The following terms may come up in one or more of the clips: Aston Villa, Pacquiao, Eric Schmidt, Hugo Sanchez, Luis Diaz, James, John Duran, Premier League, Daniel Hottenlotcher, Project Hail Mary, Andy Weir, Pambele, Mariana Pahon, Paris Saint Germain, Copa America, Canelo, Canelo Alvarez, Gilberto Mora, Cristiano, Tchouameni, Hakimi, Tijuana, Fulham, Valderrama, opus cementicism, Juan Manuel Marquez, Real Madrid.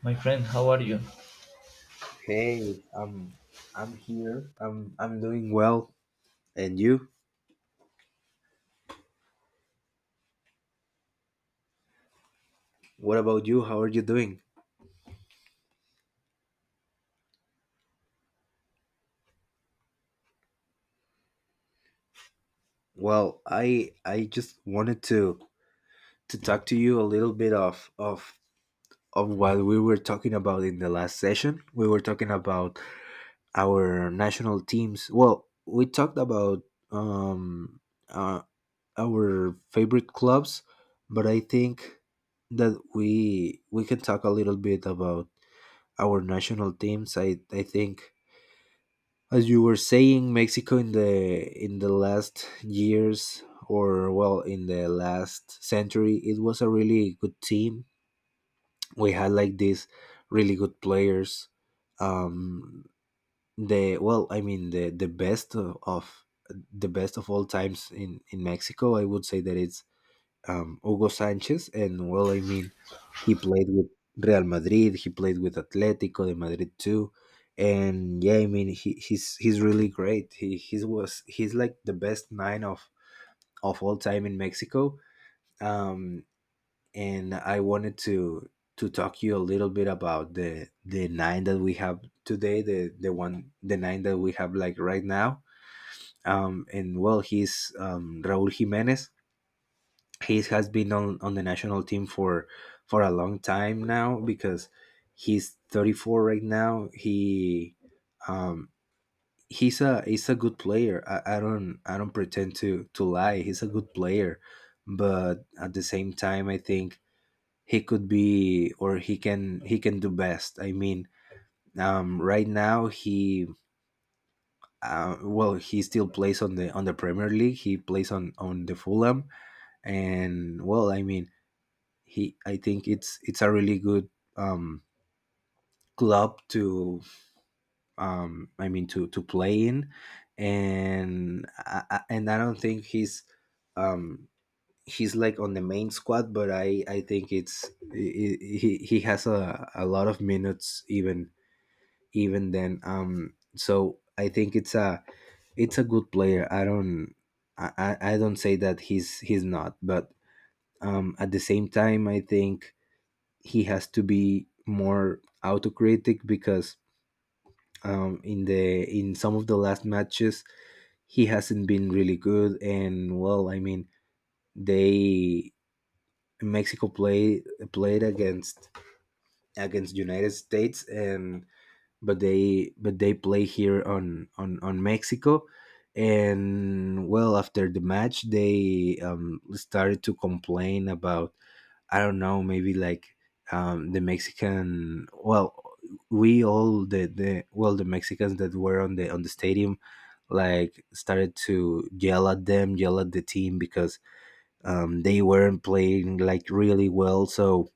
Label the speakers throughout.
Speaker 1: My friend, how are you?
Speaker 2: Hey, I'm here. I'm doing well. And you? What about you? How are you doing? Well, I just wanted to talk to you a little bit of what we were talking about in the last session. We were talking about our national teams. Well, we talked about um uh, our favorite clubs, but I think that we can talk a little bit about our national teams. I think as you were saying, Mexico in the last years or well in the last century, it was a really good team. We had like these really good players. Um, the well, I mean the best of the best of all times in Mexico. I would say that it's Hugo Sanchez, and well, I mean, he played with Real Madrid, he played with Atletico de Madrid too, and yeah, I mean, he's he's really great. He he's like the best nine of all time in Mexico. Um, and I wanted to talk you a little bit about the nine that we have today, the nine that we have like right now. And well, he's Raúl Jiménez he has been on the national team for a long time now because he's 34 right now he um he's a good player. I don't pretend to lie, he's a good player, but at the same time I think he could be or he can do best. I mean right now he well he still plays on the premier league, he plays on the fulham, and well I mean he I think it's a really good um, club to I mean to play in, and I don't think um, he's like on the main squad, but I think it's he has a lot of minutes even even then. So I think it's a good player. I don't I don't say that he's not, but at the same time I think he has to be more autocritic because in the in some of the last matches he hasn't been really good, and well I mean they mexico played against against united states, and but they play here on mexico. And well after the match they started to complain about, I don't know, maybe like the Mexican. Well, we all the well the Mexicans that were on the stadium like started to yell at them, yell at the team because they weren't playing like really well. So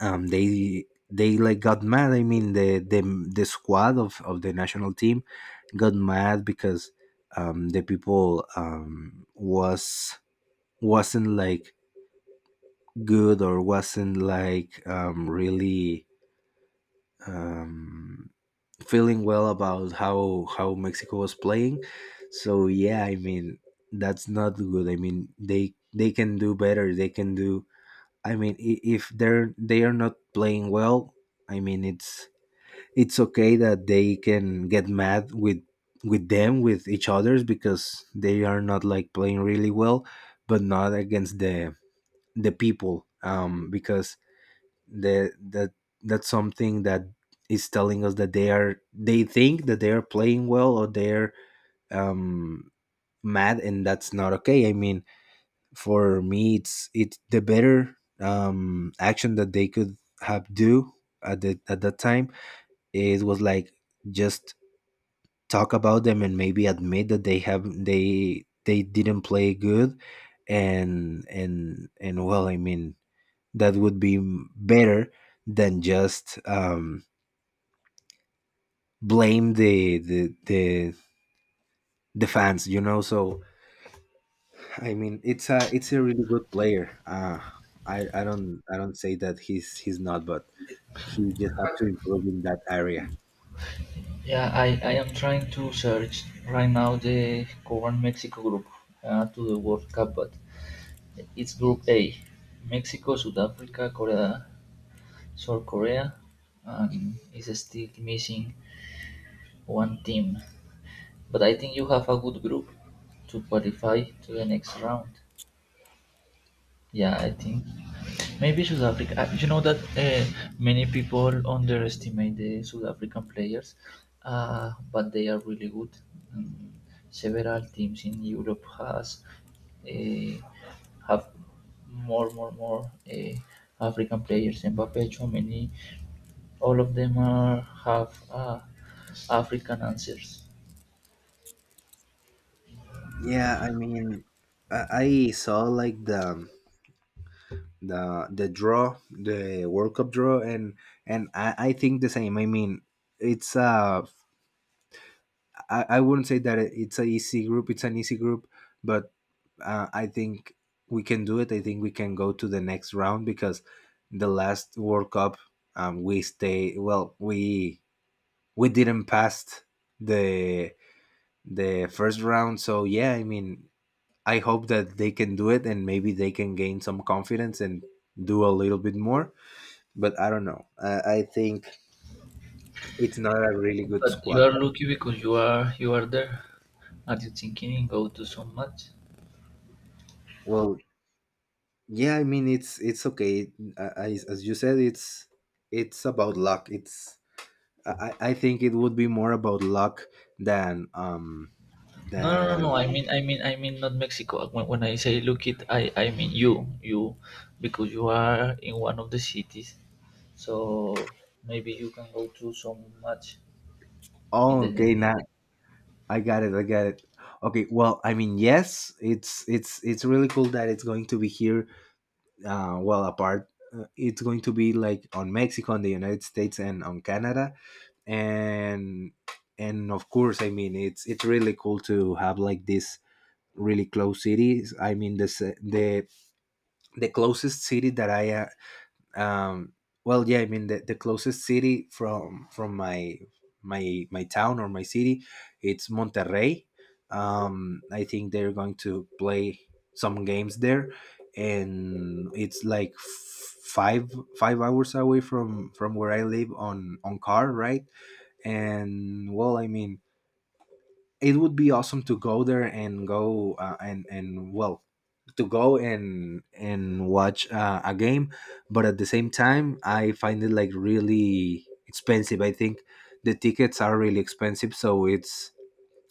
Speaker 2: they like got mad. I mean the squad of the national team got mad because the people wasn't like good or wasn't like really um, feeling well about how Mexico was playing. So yeah, I mean that's not good. I mean they can do better. They can do. I mean if they are not playing well, I mean it's okay that they can get mad with them with each others because they are not like playing really well, but not against the people because that that's something that is telling us that they are they think that they are playing well or they're um mad, and that's not okay. I mean for me it's the better action that they could have do at the at that time. It was like just talk about them and maybe admit that they didn't play good, and well I mean that would be better than just blame the fans, you know. So I mean it's a really good player. I don't say that he's not, but he just have to improve in that area.
Speaker 1: Yeah, I am trying to search right now the current Mexico group to the World Cup, but it's Group A: Mexico, South Africa, Korea, South Korea, and it's still missing one team. But I think you have a good group to qualify to the next round. Yeah, I think maybe South Africa. You know that many people underestimate the South African players, but they are really good. And several teams in Europe has uh, have more, African players. Mbappe, Tchouameni, all of them are have African answers.
Speaker 2: Yeah, I mean i, I saw like the draw, the world cup draw, and i think the same. I mean it's a I wouldn't say that it's an easy group. It's an easy group, but I think we can do it. I think we can go to the next round because the last World Cup, we stay well. We didn't pass the the first round, so yeah. I mean, I hope that they can do it and maybe they can gain some confidence and do a little bit more. But I don't know. I think it's not a really good
Speaker 1: But you
Speaker 2: squad.
Speaker 1: are lucky because you are there. Are you thinking in go to so much?
Speaker 2: Well, yeah I mean it's okay. As you said it's about luck. It's I I think it would be more about luck than um
Speaker 1: No, no, no, no.
Speaker 2: than
Speaker 1: I mean, not Mexico. When I say look it, I mean you, because you are in one of the cities. So maybe you can go to some match in the
Speaker 2: oh okay
Speaker 1: next year.
Speaker 2: now I got it. Okay, well I mean yes, it's it's really cool that it's going to be here. Well apart it's going to be like on mexico, on the united states, and on canada, and and of course I mean it's really cool to have like this really close cities. I mean, the the closest city that I um well yeah I mean the closest city from my my town or my city, it's Monterrey. I think they're going to play some games there, and it's like five hours away from where I live on car, right? And well I mean it would be awesome to go there and go and well to go and watch a game, but at the same time I find it like really expensive. I think the tickets are really expensive, so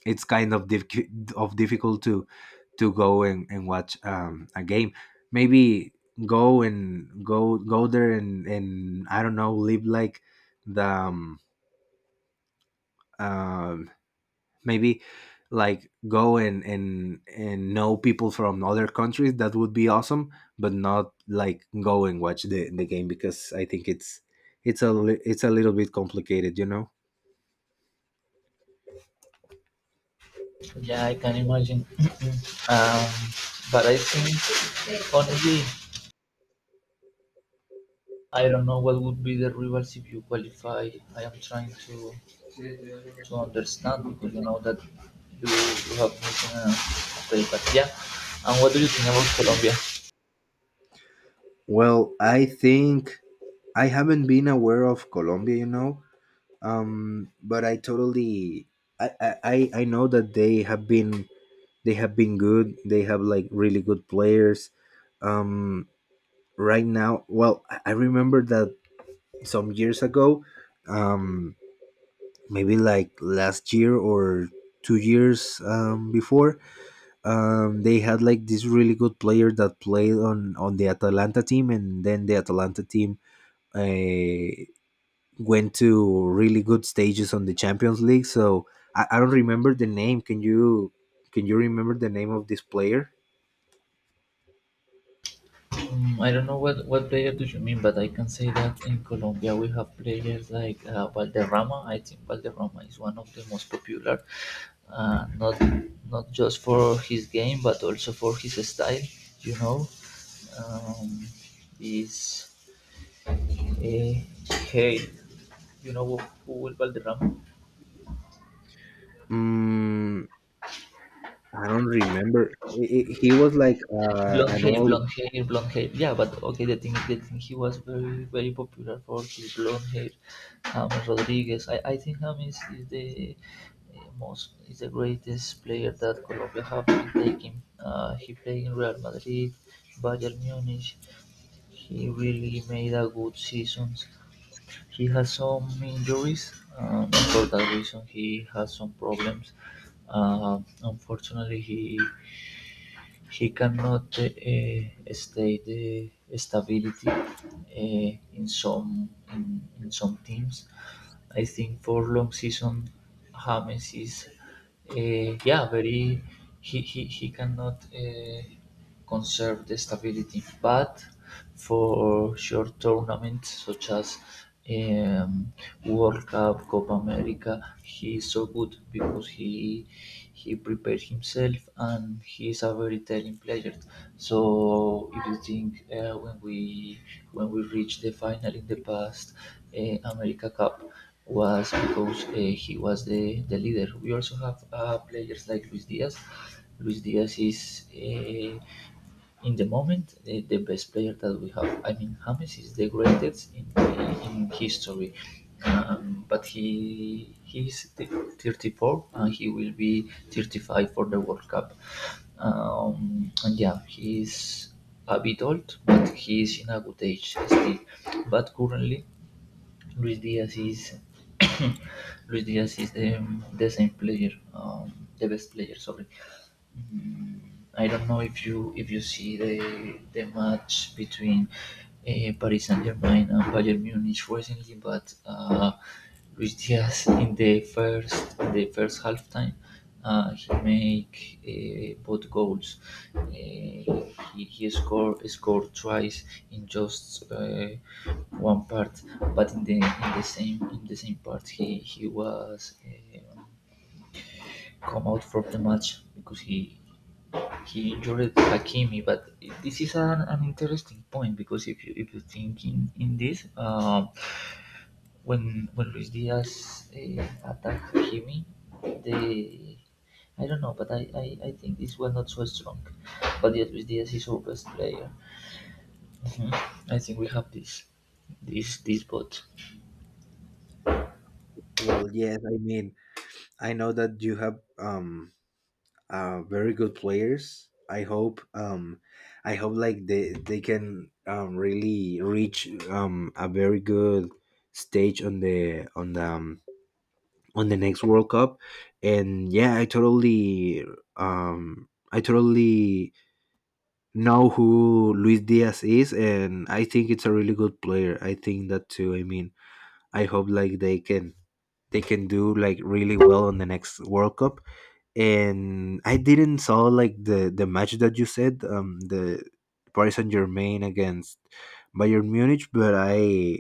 Speaker 2: it's kind of difficult to go and watch a game. Maybe go and go there and I don't know, live like the uh, maybe like go and and know people from other countries, that would be awesome. But not like go and watch the game, because I think it's it's a little bit complicated, you know.
Speaker 1: Yeah, I can imagine. um, but I think, honestly, I don't know what would be the rivals if you qualify. I am trying to understand because you know that you have missing a play. But yeah, and what do you think about Colombia?
Speaker 2: Well I think I haven't been aware of colombia, you know. But I totally I know that they have been good, they have like really good players. um right now, well I remember that some years ago, um, maybe like last year or 2 years before. They had like this really good player that played on the Atalanta team, and then the Atalanta team uh, went to really good stages on the Champions League. So I don't remember the name. Can you remember the name of this player?
Speaker 1: Mm, I don't know what player do you mean, but I can say that in Colombia we have players like Valderrama. I think Valderrama is one of the most popular, not not just for his game, but also for his style. You know, um, is uh, hey, you know who is Valderrama?
Speaker 2: Mm, I don't remember. I he was like
Speaker 1: Blonde
Speaker 2: an
Speaker 1: hair,
Speaker 2: old.
Speaker 1: blonde hair, blonde hair. Yeah, but okay, the thing, he was very, very popular for his blonde hair. James Rodriguez. I think James is the most, is the greatest player that Colombia have been taking. He played in Real Madrid, Bayern Munich. He really made a good season. He has some injuries, for that reason he has some problems. Unfortunately, he cannot stay the stability uh, in some teams I think for long season, James is, yeah, very. He cannot conserve the stability, but for short tournaments such as um, World Cup, Copa America, he is so good because he prepared himself and he is a very telling player. So if you think uh, when we reached the final in the past America Cup, was because he was the leader. We also have players like Luis Diaz. Luis Diaz is in the moment the best player that we have. I mean, James is the greatest in history. But 34 and he will be 35 for the World Cup. And yeah, he's a bit old, but he is in a good age still. But currently, Luis Diaz is Luis Diaz is the same player, the best player. Sorry, I don't know if you see the match between Paris Saint Germain and Bayern Munich recently, but Luis Diaz in the first half time he make both goals. Uh, he he scored twice in just one part, but in the in the same part he was uh, come out from the match because he injured Hakimi, but this is an interesting point because if you think in this, when Luis Diaz attacked Hakimi, they I don't know, but I think this was not so strong. But yet Luis Diaz is our best player. Mhm. I think we have this bot.
Speaker 2: Well, yes, I mean I know that you have very good players. I hope like they can really reach a very good stage on the on the on the next World Cup. And yeah, I totally know who Luis Diaz is, and I think it's a really good player. I think that too. I mean, I hope like they can do like really well on the next World Cup. And I didn't saw like the match that you said, the Paris Saint Germain against Bayern Munich, but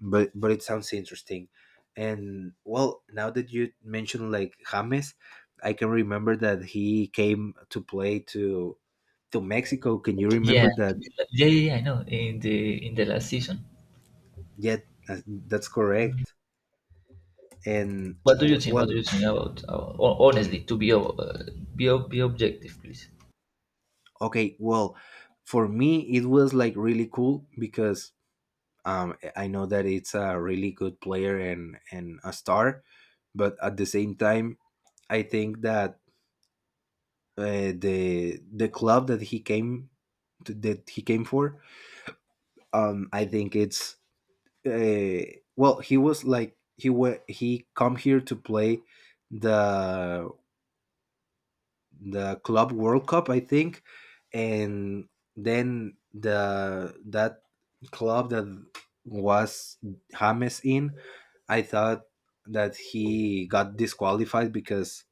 Speaker 2: but it sounds interesting. And well, now that you mentioned like James, I can remember that he came to play to Mexico. Can you
Speaker 1: Yeah,
Speaker 2: remember that?
Speaker 1: yeah, yeah, yeah, I know. In the last season,
Speaker 2: Yeah, that's correct. And
Speaker 1: what do you think? What
Speaker 2: well,
Speaker 1: do you think about? About ho- honestly, to be ob- be ob- be objective, please.
Speaker 2: okay, well, for me it was like really cool because I know that it's a really good player and a star, but at the same time, I think that the club that he came that he came for, I think it's uh, well, he was like he wa- he come here to play the the club World Cup, I think, and then the that club that was James in, I thought that he got disqualified because,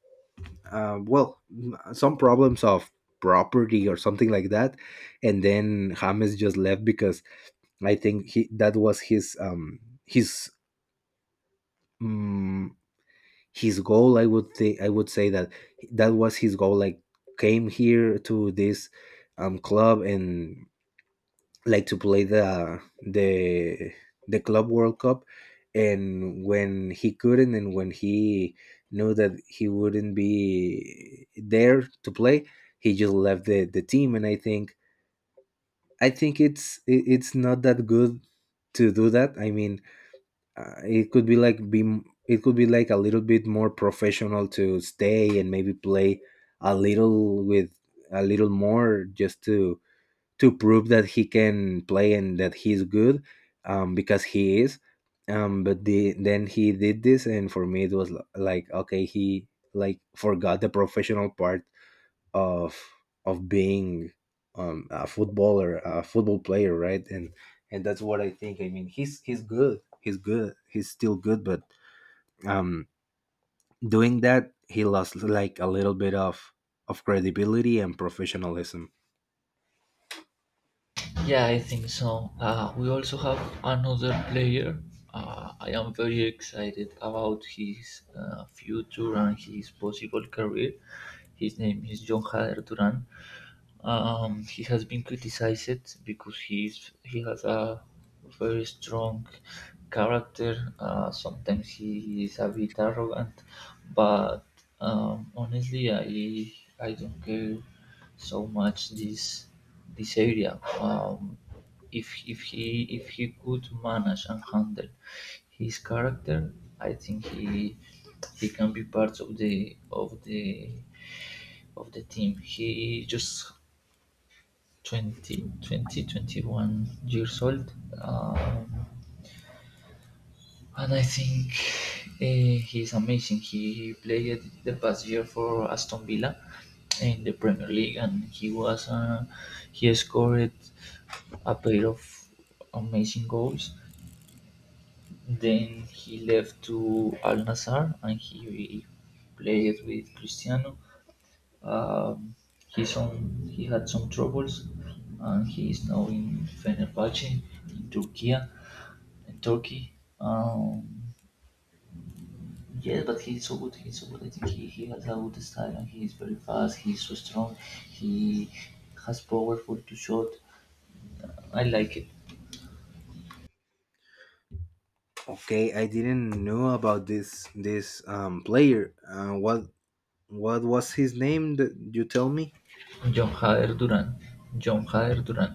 Speaker 2: well, some problems of property or something like that, and then James just left because I think he that was his um, his goal. I would say that that was his goal. Like came here to this club and like to play the the club World Cup, and when he couldn't and when he knew that he wouldn't be there to play, he just left the team. And I think it's not that good to do that. I mean, it could be like be it could be like a little bit more professional to stay and maybe play a little with a little more just to prove that he can play and that he's good, because he is. But then he did this, and for me it was like, okay, he like forgot the professional part of being a a football player, right? And that's what I think. I mean, he's good, he's good, he's still good, but um, doing that, he lost like a little bit of credibility and professionalism.
Speaker 1: Yeah, I think so. We also have another player. I am very excited about his future and his possible career. His name is John Hader Duran. He has been criticized because he has a very strong character. Sometimes he is a bit arrogant, but honestly, I don't care so much this area. If he could manage and handle his character, I think he can be part of the team. He just 21 years old. Um, and I think he's amazing. He played the past year for Aston Villa in the Premier League, and he was he scored a pair of amazing goals. Then he left to Al Nassr, and he played with Cristiano. Um, he's on, he had some troubles, and he is now in Fenerbahce in Turkey, in Turkey. Um, yeah, but he's so good. He's so good. I think he has a good style, and he is very fast. He's so strong. He has powerful to shot. I like it.
Speaker 2: Okay, I didn't know about this player. What was his name that you tell me?
Speaker 1: John Jair Duran. John Jair Duran.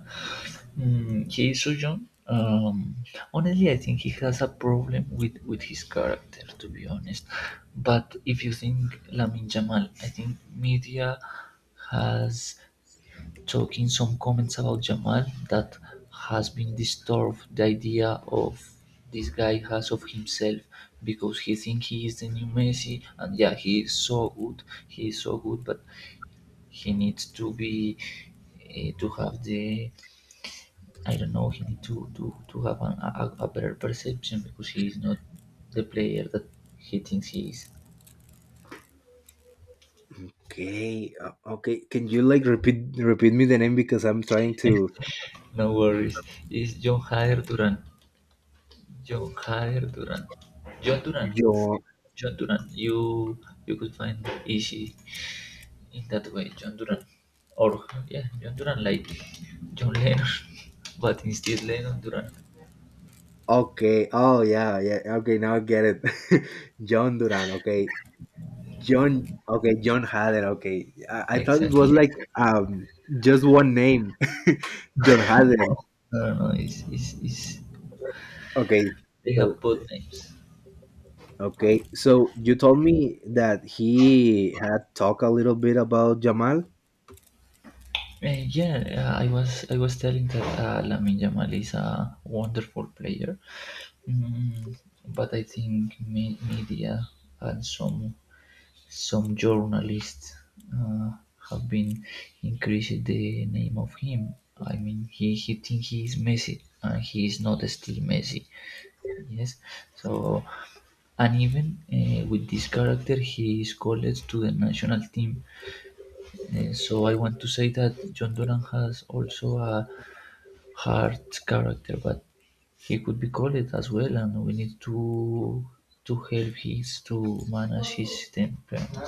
Speaker 1: Mm, he is so young. Honestly, I think he has a problem with his character, to be honest. But if you think Lamin Jamal, I think media has taken some comments about Jamal that has been disturbed the idea of this guy has of himself because he think he is the new Messi and yeah he is so good he is so good but he needs to be to have the I don't know. He need to to have a better perception because he is not the player that he thinks he is.
Speaker 2: Okay, okay. Can you like repeat me the name, because I'm trying to.
Speaker 1: No worries. It's John Hader Duran. John Hader Duran. John Duran.
Speaker 2: John.
Speaker 1: John Duran. You could find easy in that way. John Duran. Or yeah, John Duran like John Lennon, but instead Lennon Duran.
Speaker 2: Okay. Oh yeah, yeah. Okay, now I get it. John Duran. Okay, John. Okay, John Hader. Okay, I, thought it was
Speaker 1: Exactly.
Speaker 2: like um just one name, John Hader.
Speaker 1: I don't know. It's
Speaker 2: Okay,
Speaker 1: they
Speaker 2: so
Speaker 1: have both names.
Speaker 2: okay, so you told me that he had talked a little bit about Jamal.
Speaker 1: Yeah, I was telling that Lamine Yamal is a wonderful player, mm, but I think media and some journalists uh, have been increasing the name of him. I mean, he think he is Messi, and he is not still Messi. Yes, so and even with this character he is called to the national team. So I want to say that John Duran has also a hard character, but he could be called as well and we need to help his to manage his temperament.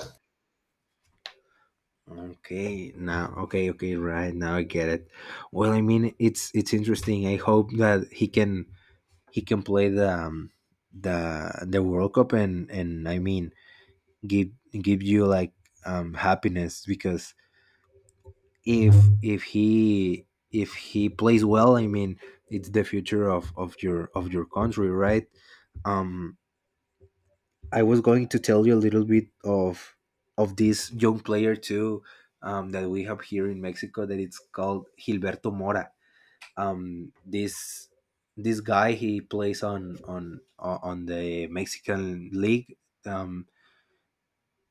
Speaker 2: Okay, now, okay, okay, right now I get it. Well, I mean, it's interesting. I hope that he can play the the World Cup, and I mean give you like happiness, because if if he if he plays well. I mean, it's the future of your country, right? Um, I was going to tell you a little bit of this young player too, that we have here in Mexico, that it's called Gilberto Mora. This guy, he plays on on the Mexican league. Um,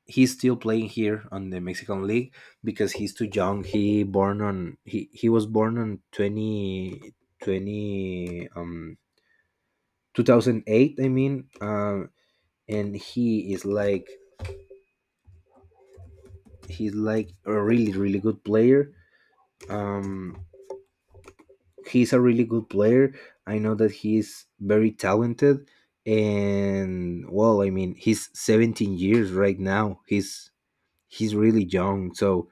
Speaker 2: he's still playing here on the Mexican league because he's too young. He was born on 20, twenty 2008, I mean, and he is like he's like a really good player. um he's a really good player. I know that he's very talented. And well, I mean, he's 17 years right now. He's really young, so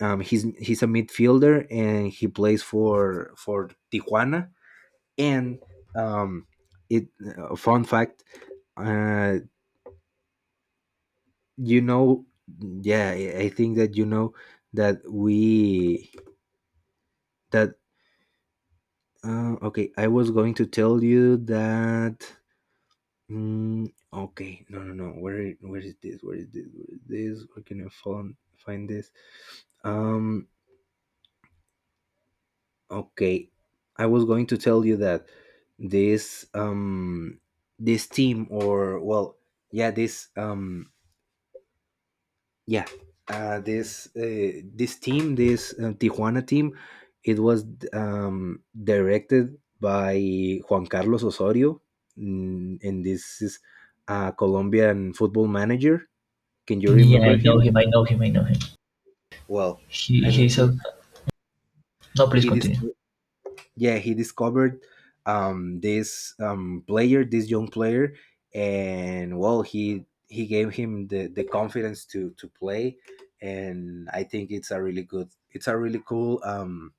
Speaker 2: he's a midfielder and he plays for Tijuana. And um it fun fact uh you know yeah I think that you know that we that okay, I was going to tell you that. Mm, okay, no, no, no. Where is this? Where is this? Where is this? Where can I find this? Um. Okay, I was going to tell you that this this team or well yeah this um yeah this this team, this Tijuana team, it was directed by Juan Carlos Osorio. Mm, and this is a Colombian football manager. Can you
Speaker 1: Yeah, I
Speaker 2: remember
Speaker 1: know
Speaker 2: him?
Speaker 1: him. I know him. I know him.
Speaker 2: Well,
Speaker 1: He
Speaker 2: I mean,
Speaker 1: he's a no. Please
Speaker 2: he dis-
Speaker 1: continue.
Speaker 2: yeah, he discovered this player, this young player. And well, he gave him the confidence to play. And I think it's a really good, it's a really cool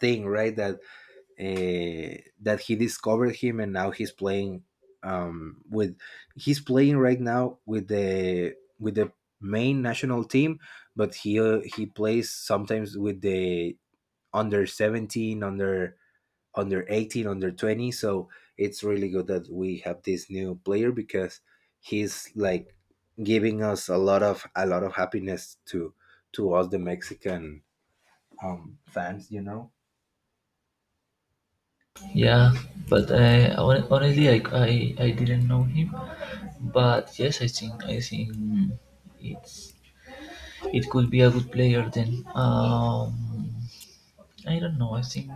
Speaker 2: thing, right, that that he discovered him. And now he's playing with he's playing right now with the main national team. But he plays sometimes with the under 17, under 18, under 20. So it's really good that we have this new player because he's like giving us a lot of, a lot of happiness to us, the Mexican fans, you know.
Speaker 1: Yeah, but honestly, I didn't know him, but yes, I think it's it could be a good player then. I don't know. I think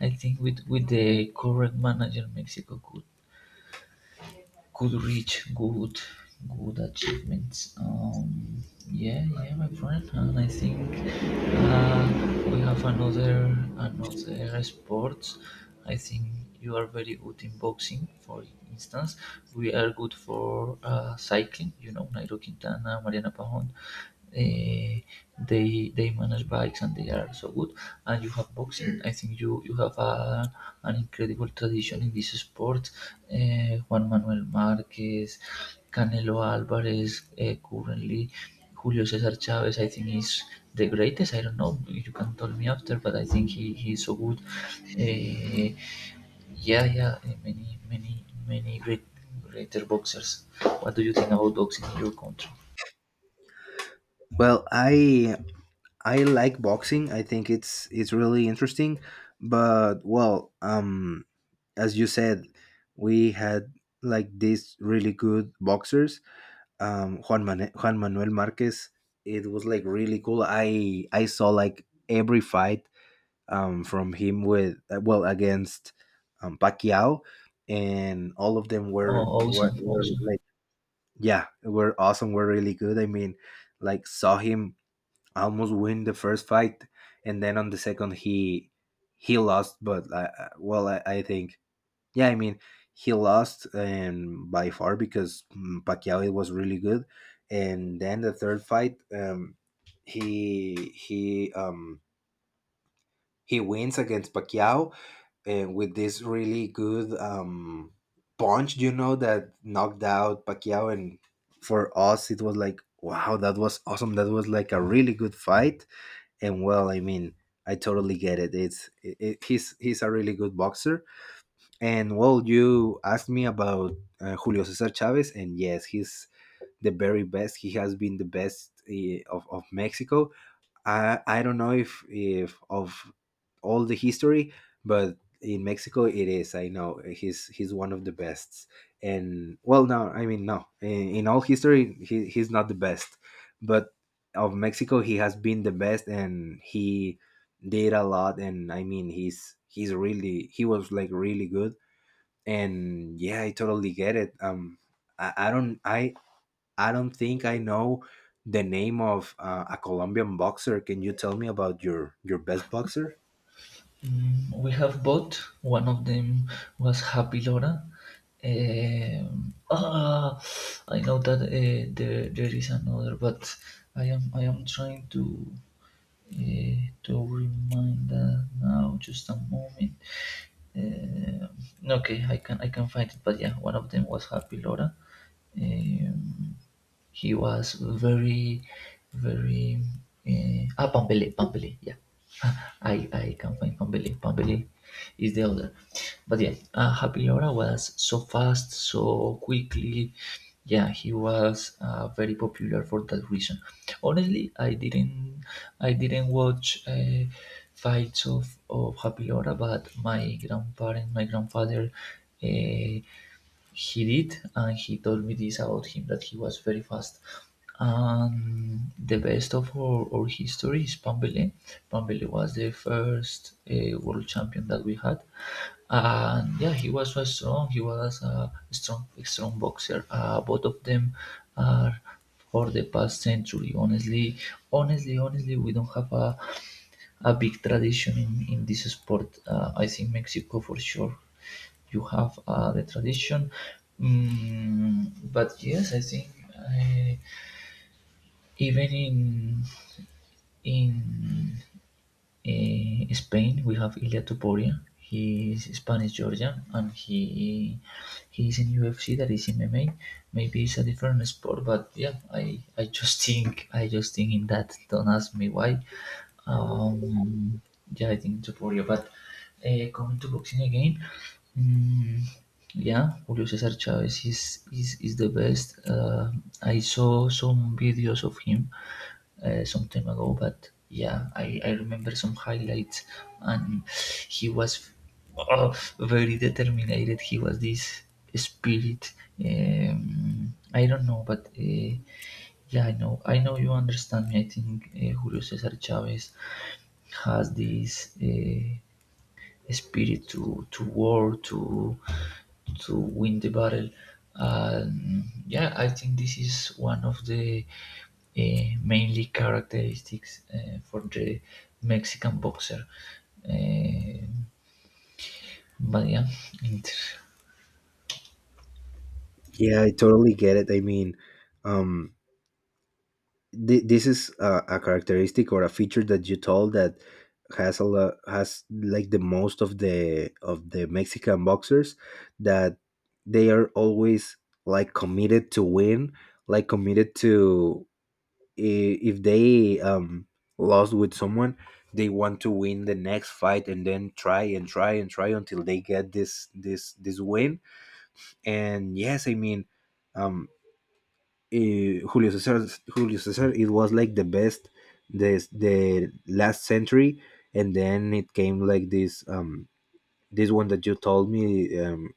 Speaker 1: I think with the correct manager, Mexico could reach good good achievements yeah yeah my friend and I think uh, we have another another sports I think you are very good in boxing for instance we are good for cycling you know Nairo Quintana, Mariana Pahon, uh, they manage bikes and they are so good. And you have boxing. I think you you have a, an incredible tradition in this sport. Juan Manuel Marquez, Canelo Alvarez, currently Julio Cesar Chavez. I think he's the greatest. I don't know. You can tell me after, but I think he he's so good. Uh, yeah, yeah, many, many, many great, greater boxers. What do you think about boxing in your country?
Speaker 2: Well, I like boxing. I think it's really interesting, but well, as you said, we had like these really good boxers, Juan Manuel Marquez. It was like really cool. I saw like every fight from him with well, against Pacquiao, and all of them
Speaker 1: Oh, awesome,
Speaker 2: were
Speaker 1: awesome.
Speaker 2: like, yeah, were awesome. Were really good. I mean, like saw him almost win the first fight, and then on the second he lost. But well, I, think, yeah, I mean, he lost and by far, because mm, Pacquiao, it was really good. And then the third fight, he he um he wins against Pacquiao, and with this really good punch, you know, that knocked out Pacquiao. And for us it was like, wow, that was awesome. That was like a really good fight. And well, I mean, I totally get it. He's a really good boxer. And well, you asked me about Julio Cesar Chavez, and yes, he's the very best. He has been the best of Mexico. I, don't know if of all the history, but in Mexico it is. I know he's one of the best. And well, no, I mean, no. In all history, he's not the best. But of Mexico, he has been the best, and he did a lot. And I mean, he's really, he was like really good. And yeah, I totally get it. I don't, I don't think I know the name of a Colombian boxer. Can you tell me about your best boxer?
Speaker 1: Mm, we have both. One of them was Happy Laura. Ah, I know that there, there is another, but I am trying uh, to remind that now. Just a moment. Um, okay, I can find it. But yeah, one of them was Happy Laura. Um, he was very, very. Ah, Pampele, Pampele, yeah. I can find Pambili. Pambili is the other. But yeah, Happy Laura was so fast, so quickly. Yeah, he was very popular for that reason. Honestly, I didn't watch fights of Happy Laura, but my grandparents, my grandfather. Uh, he did, and he told me this about him that he was very fast. And the best of our history is Pambele. Pambele was the first world champion that we had, and yeah, he was so strong. He was a strong, strong boxer. Both of them are for the past century. Honestly, honestly, honestly, we don't have a big tradition in this sport. I think Mexico for sure you have the tradition. Mm, but yes, I think I, even in Spain we have Ilia Topuria. He is Spanish Georgian and he is in UFC that is MMA. Maybe it's a different sport, but yeah, I just think in that. Don't ask me why. Um, yeah, I think Topuria, but coming to boxing again. Mm, yeah, Julio Cesar Chavez is the best. I saw some videos of him some time ago, but yeah, I remember some highlights, and he was uh, very determined. He was this spirit. I don't know, but yeah, I know. I know you understand me. I think Julio Cesar Chavez has this. Spirit to war to win the battle. Yeah, I think this is one of the mainly characteristics for the Mexican boxer. Uh, but yeah, inter-
Speaker 2: Yeah, I totally get it. I mean, um this is a characteristic or a feature that you told, that has a lot, has like the most of the Mexican boxers, that they are always like committed to win, like committed to, if they lost with someone, they want to win the next fight and then try and try and try until they get this this win. And yes, I mean, um eh, julio cesar Julio Cesar, it was like the best, this the last century. And then it came like this this one that you told me,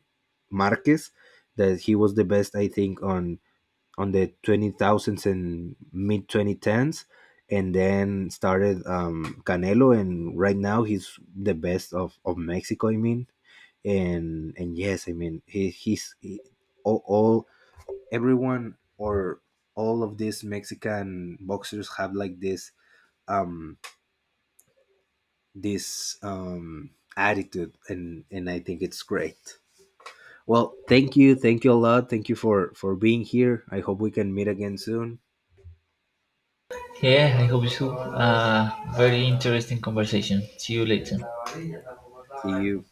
Speaker 2: Marquez, that he was the best, I think, on the 20,000s and mid 2010s. And then started Canelo, and right now he's the best of Mexico, I mean. And yes, I mean, he's all, everyone, or all of these Mexican boxers have like this um this um attitude. And I think it's great. Well, thank you, a lot, thank you for being here. I hope we can meet again soon.
Speaker 1: yeah, I hope so. Very interesting conversation. See you later.
Speaker 2: See you.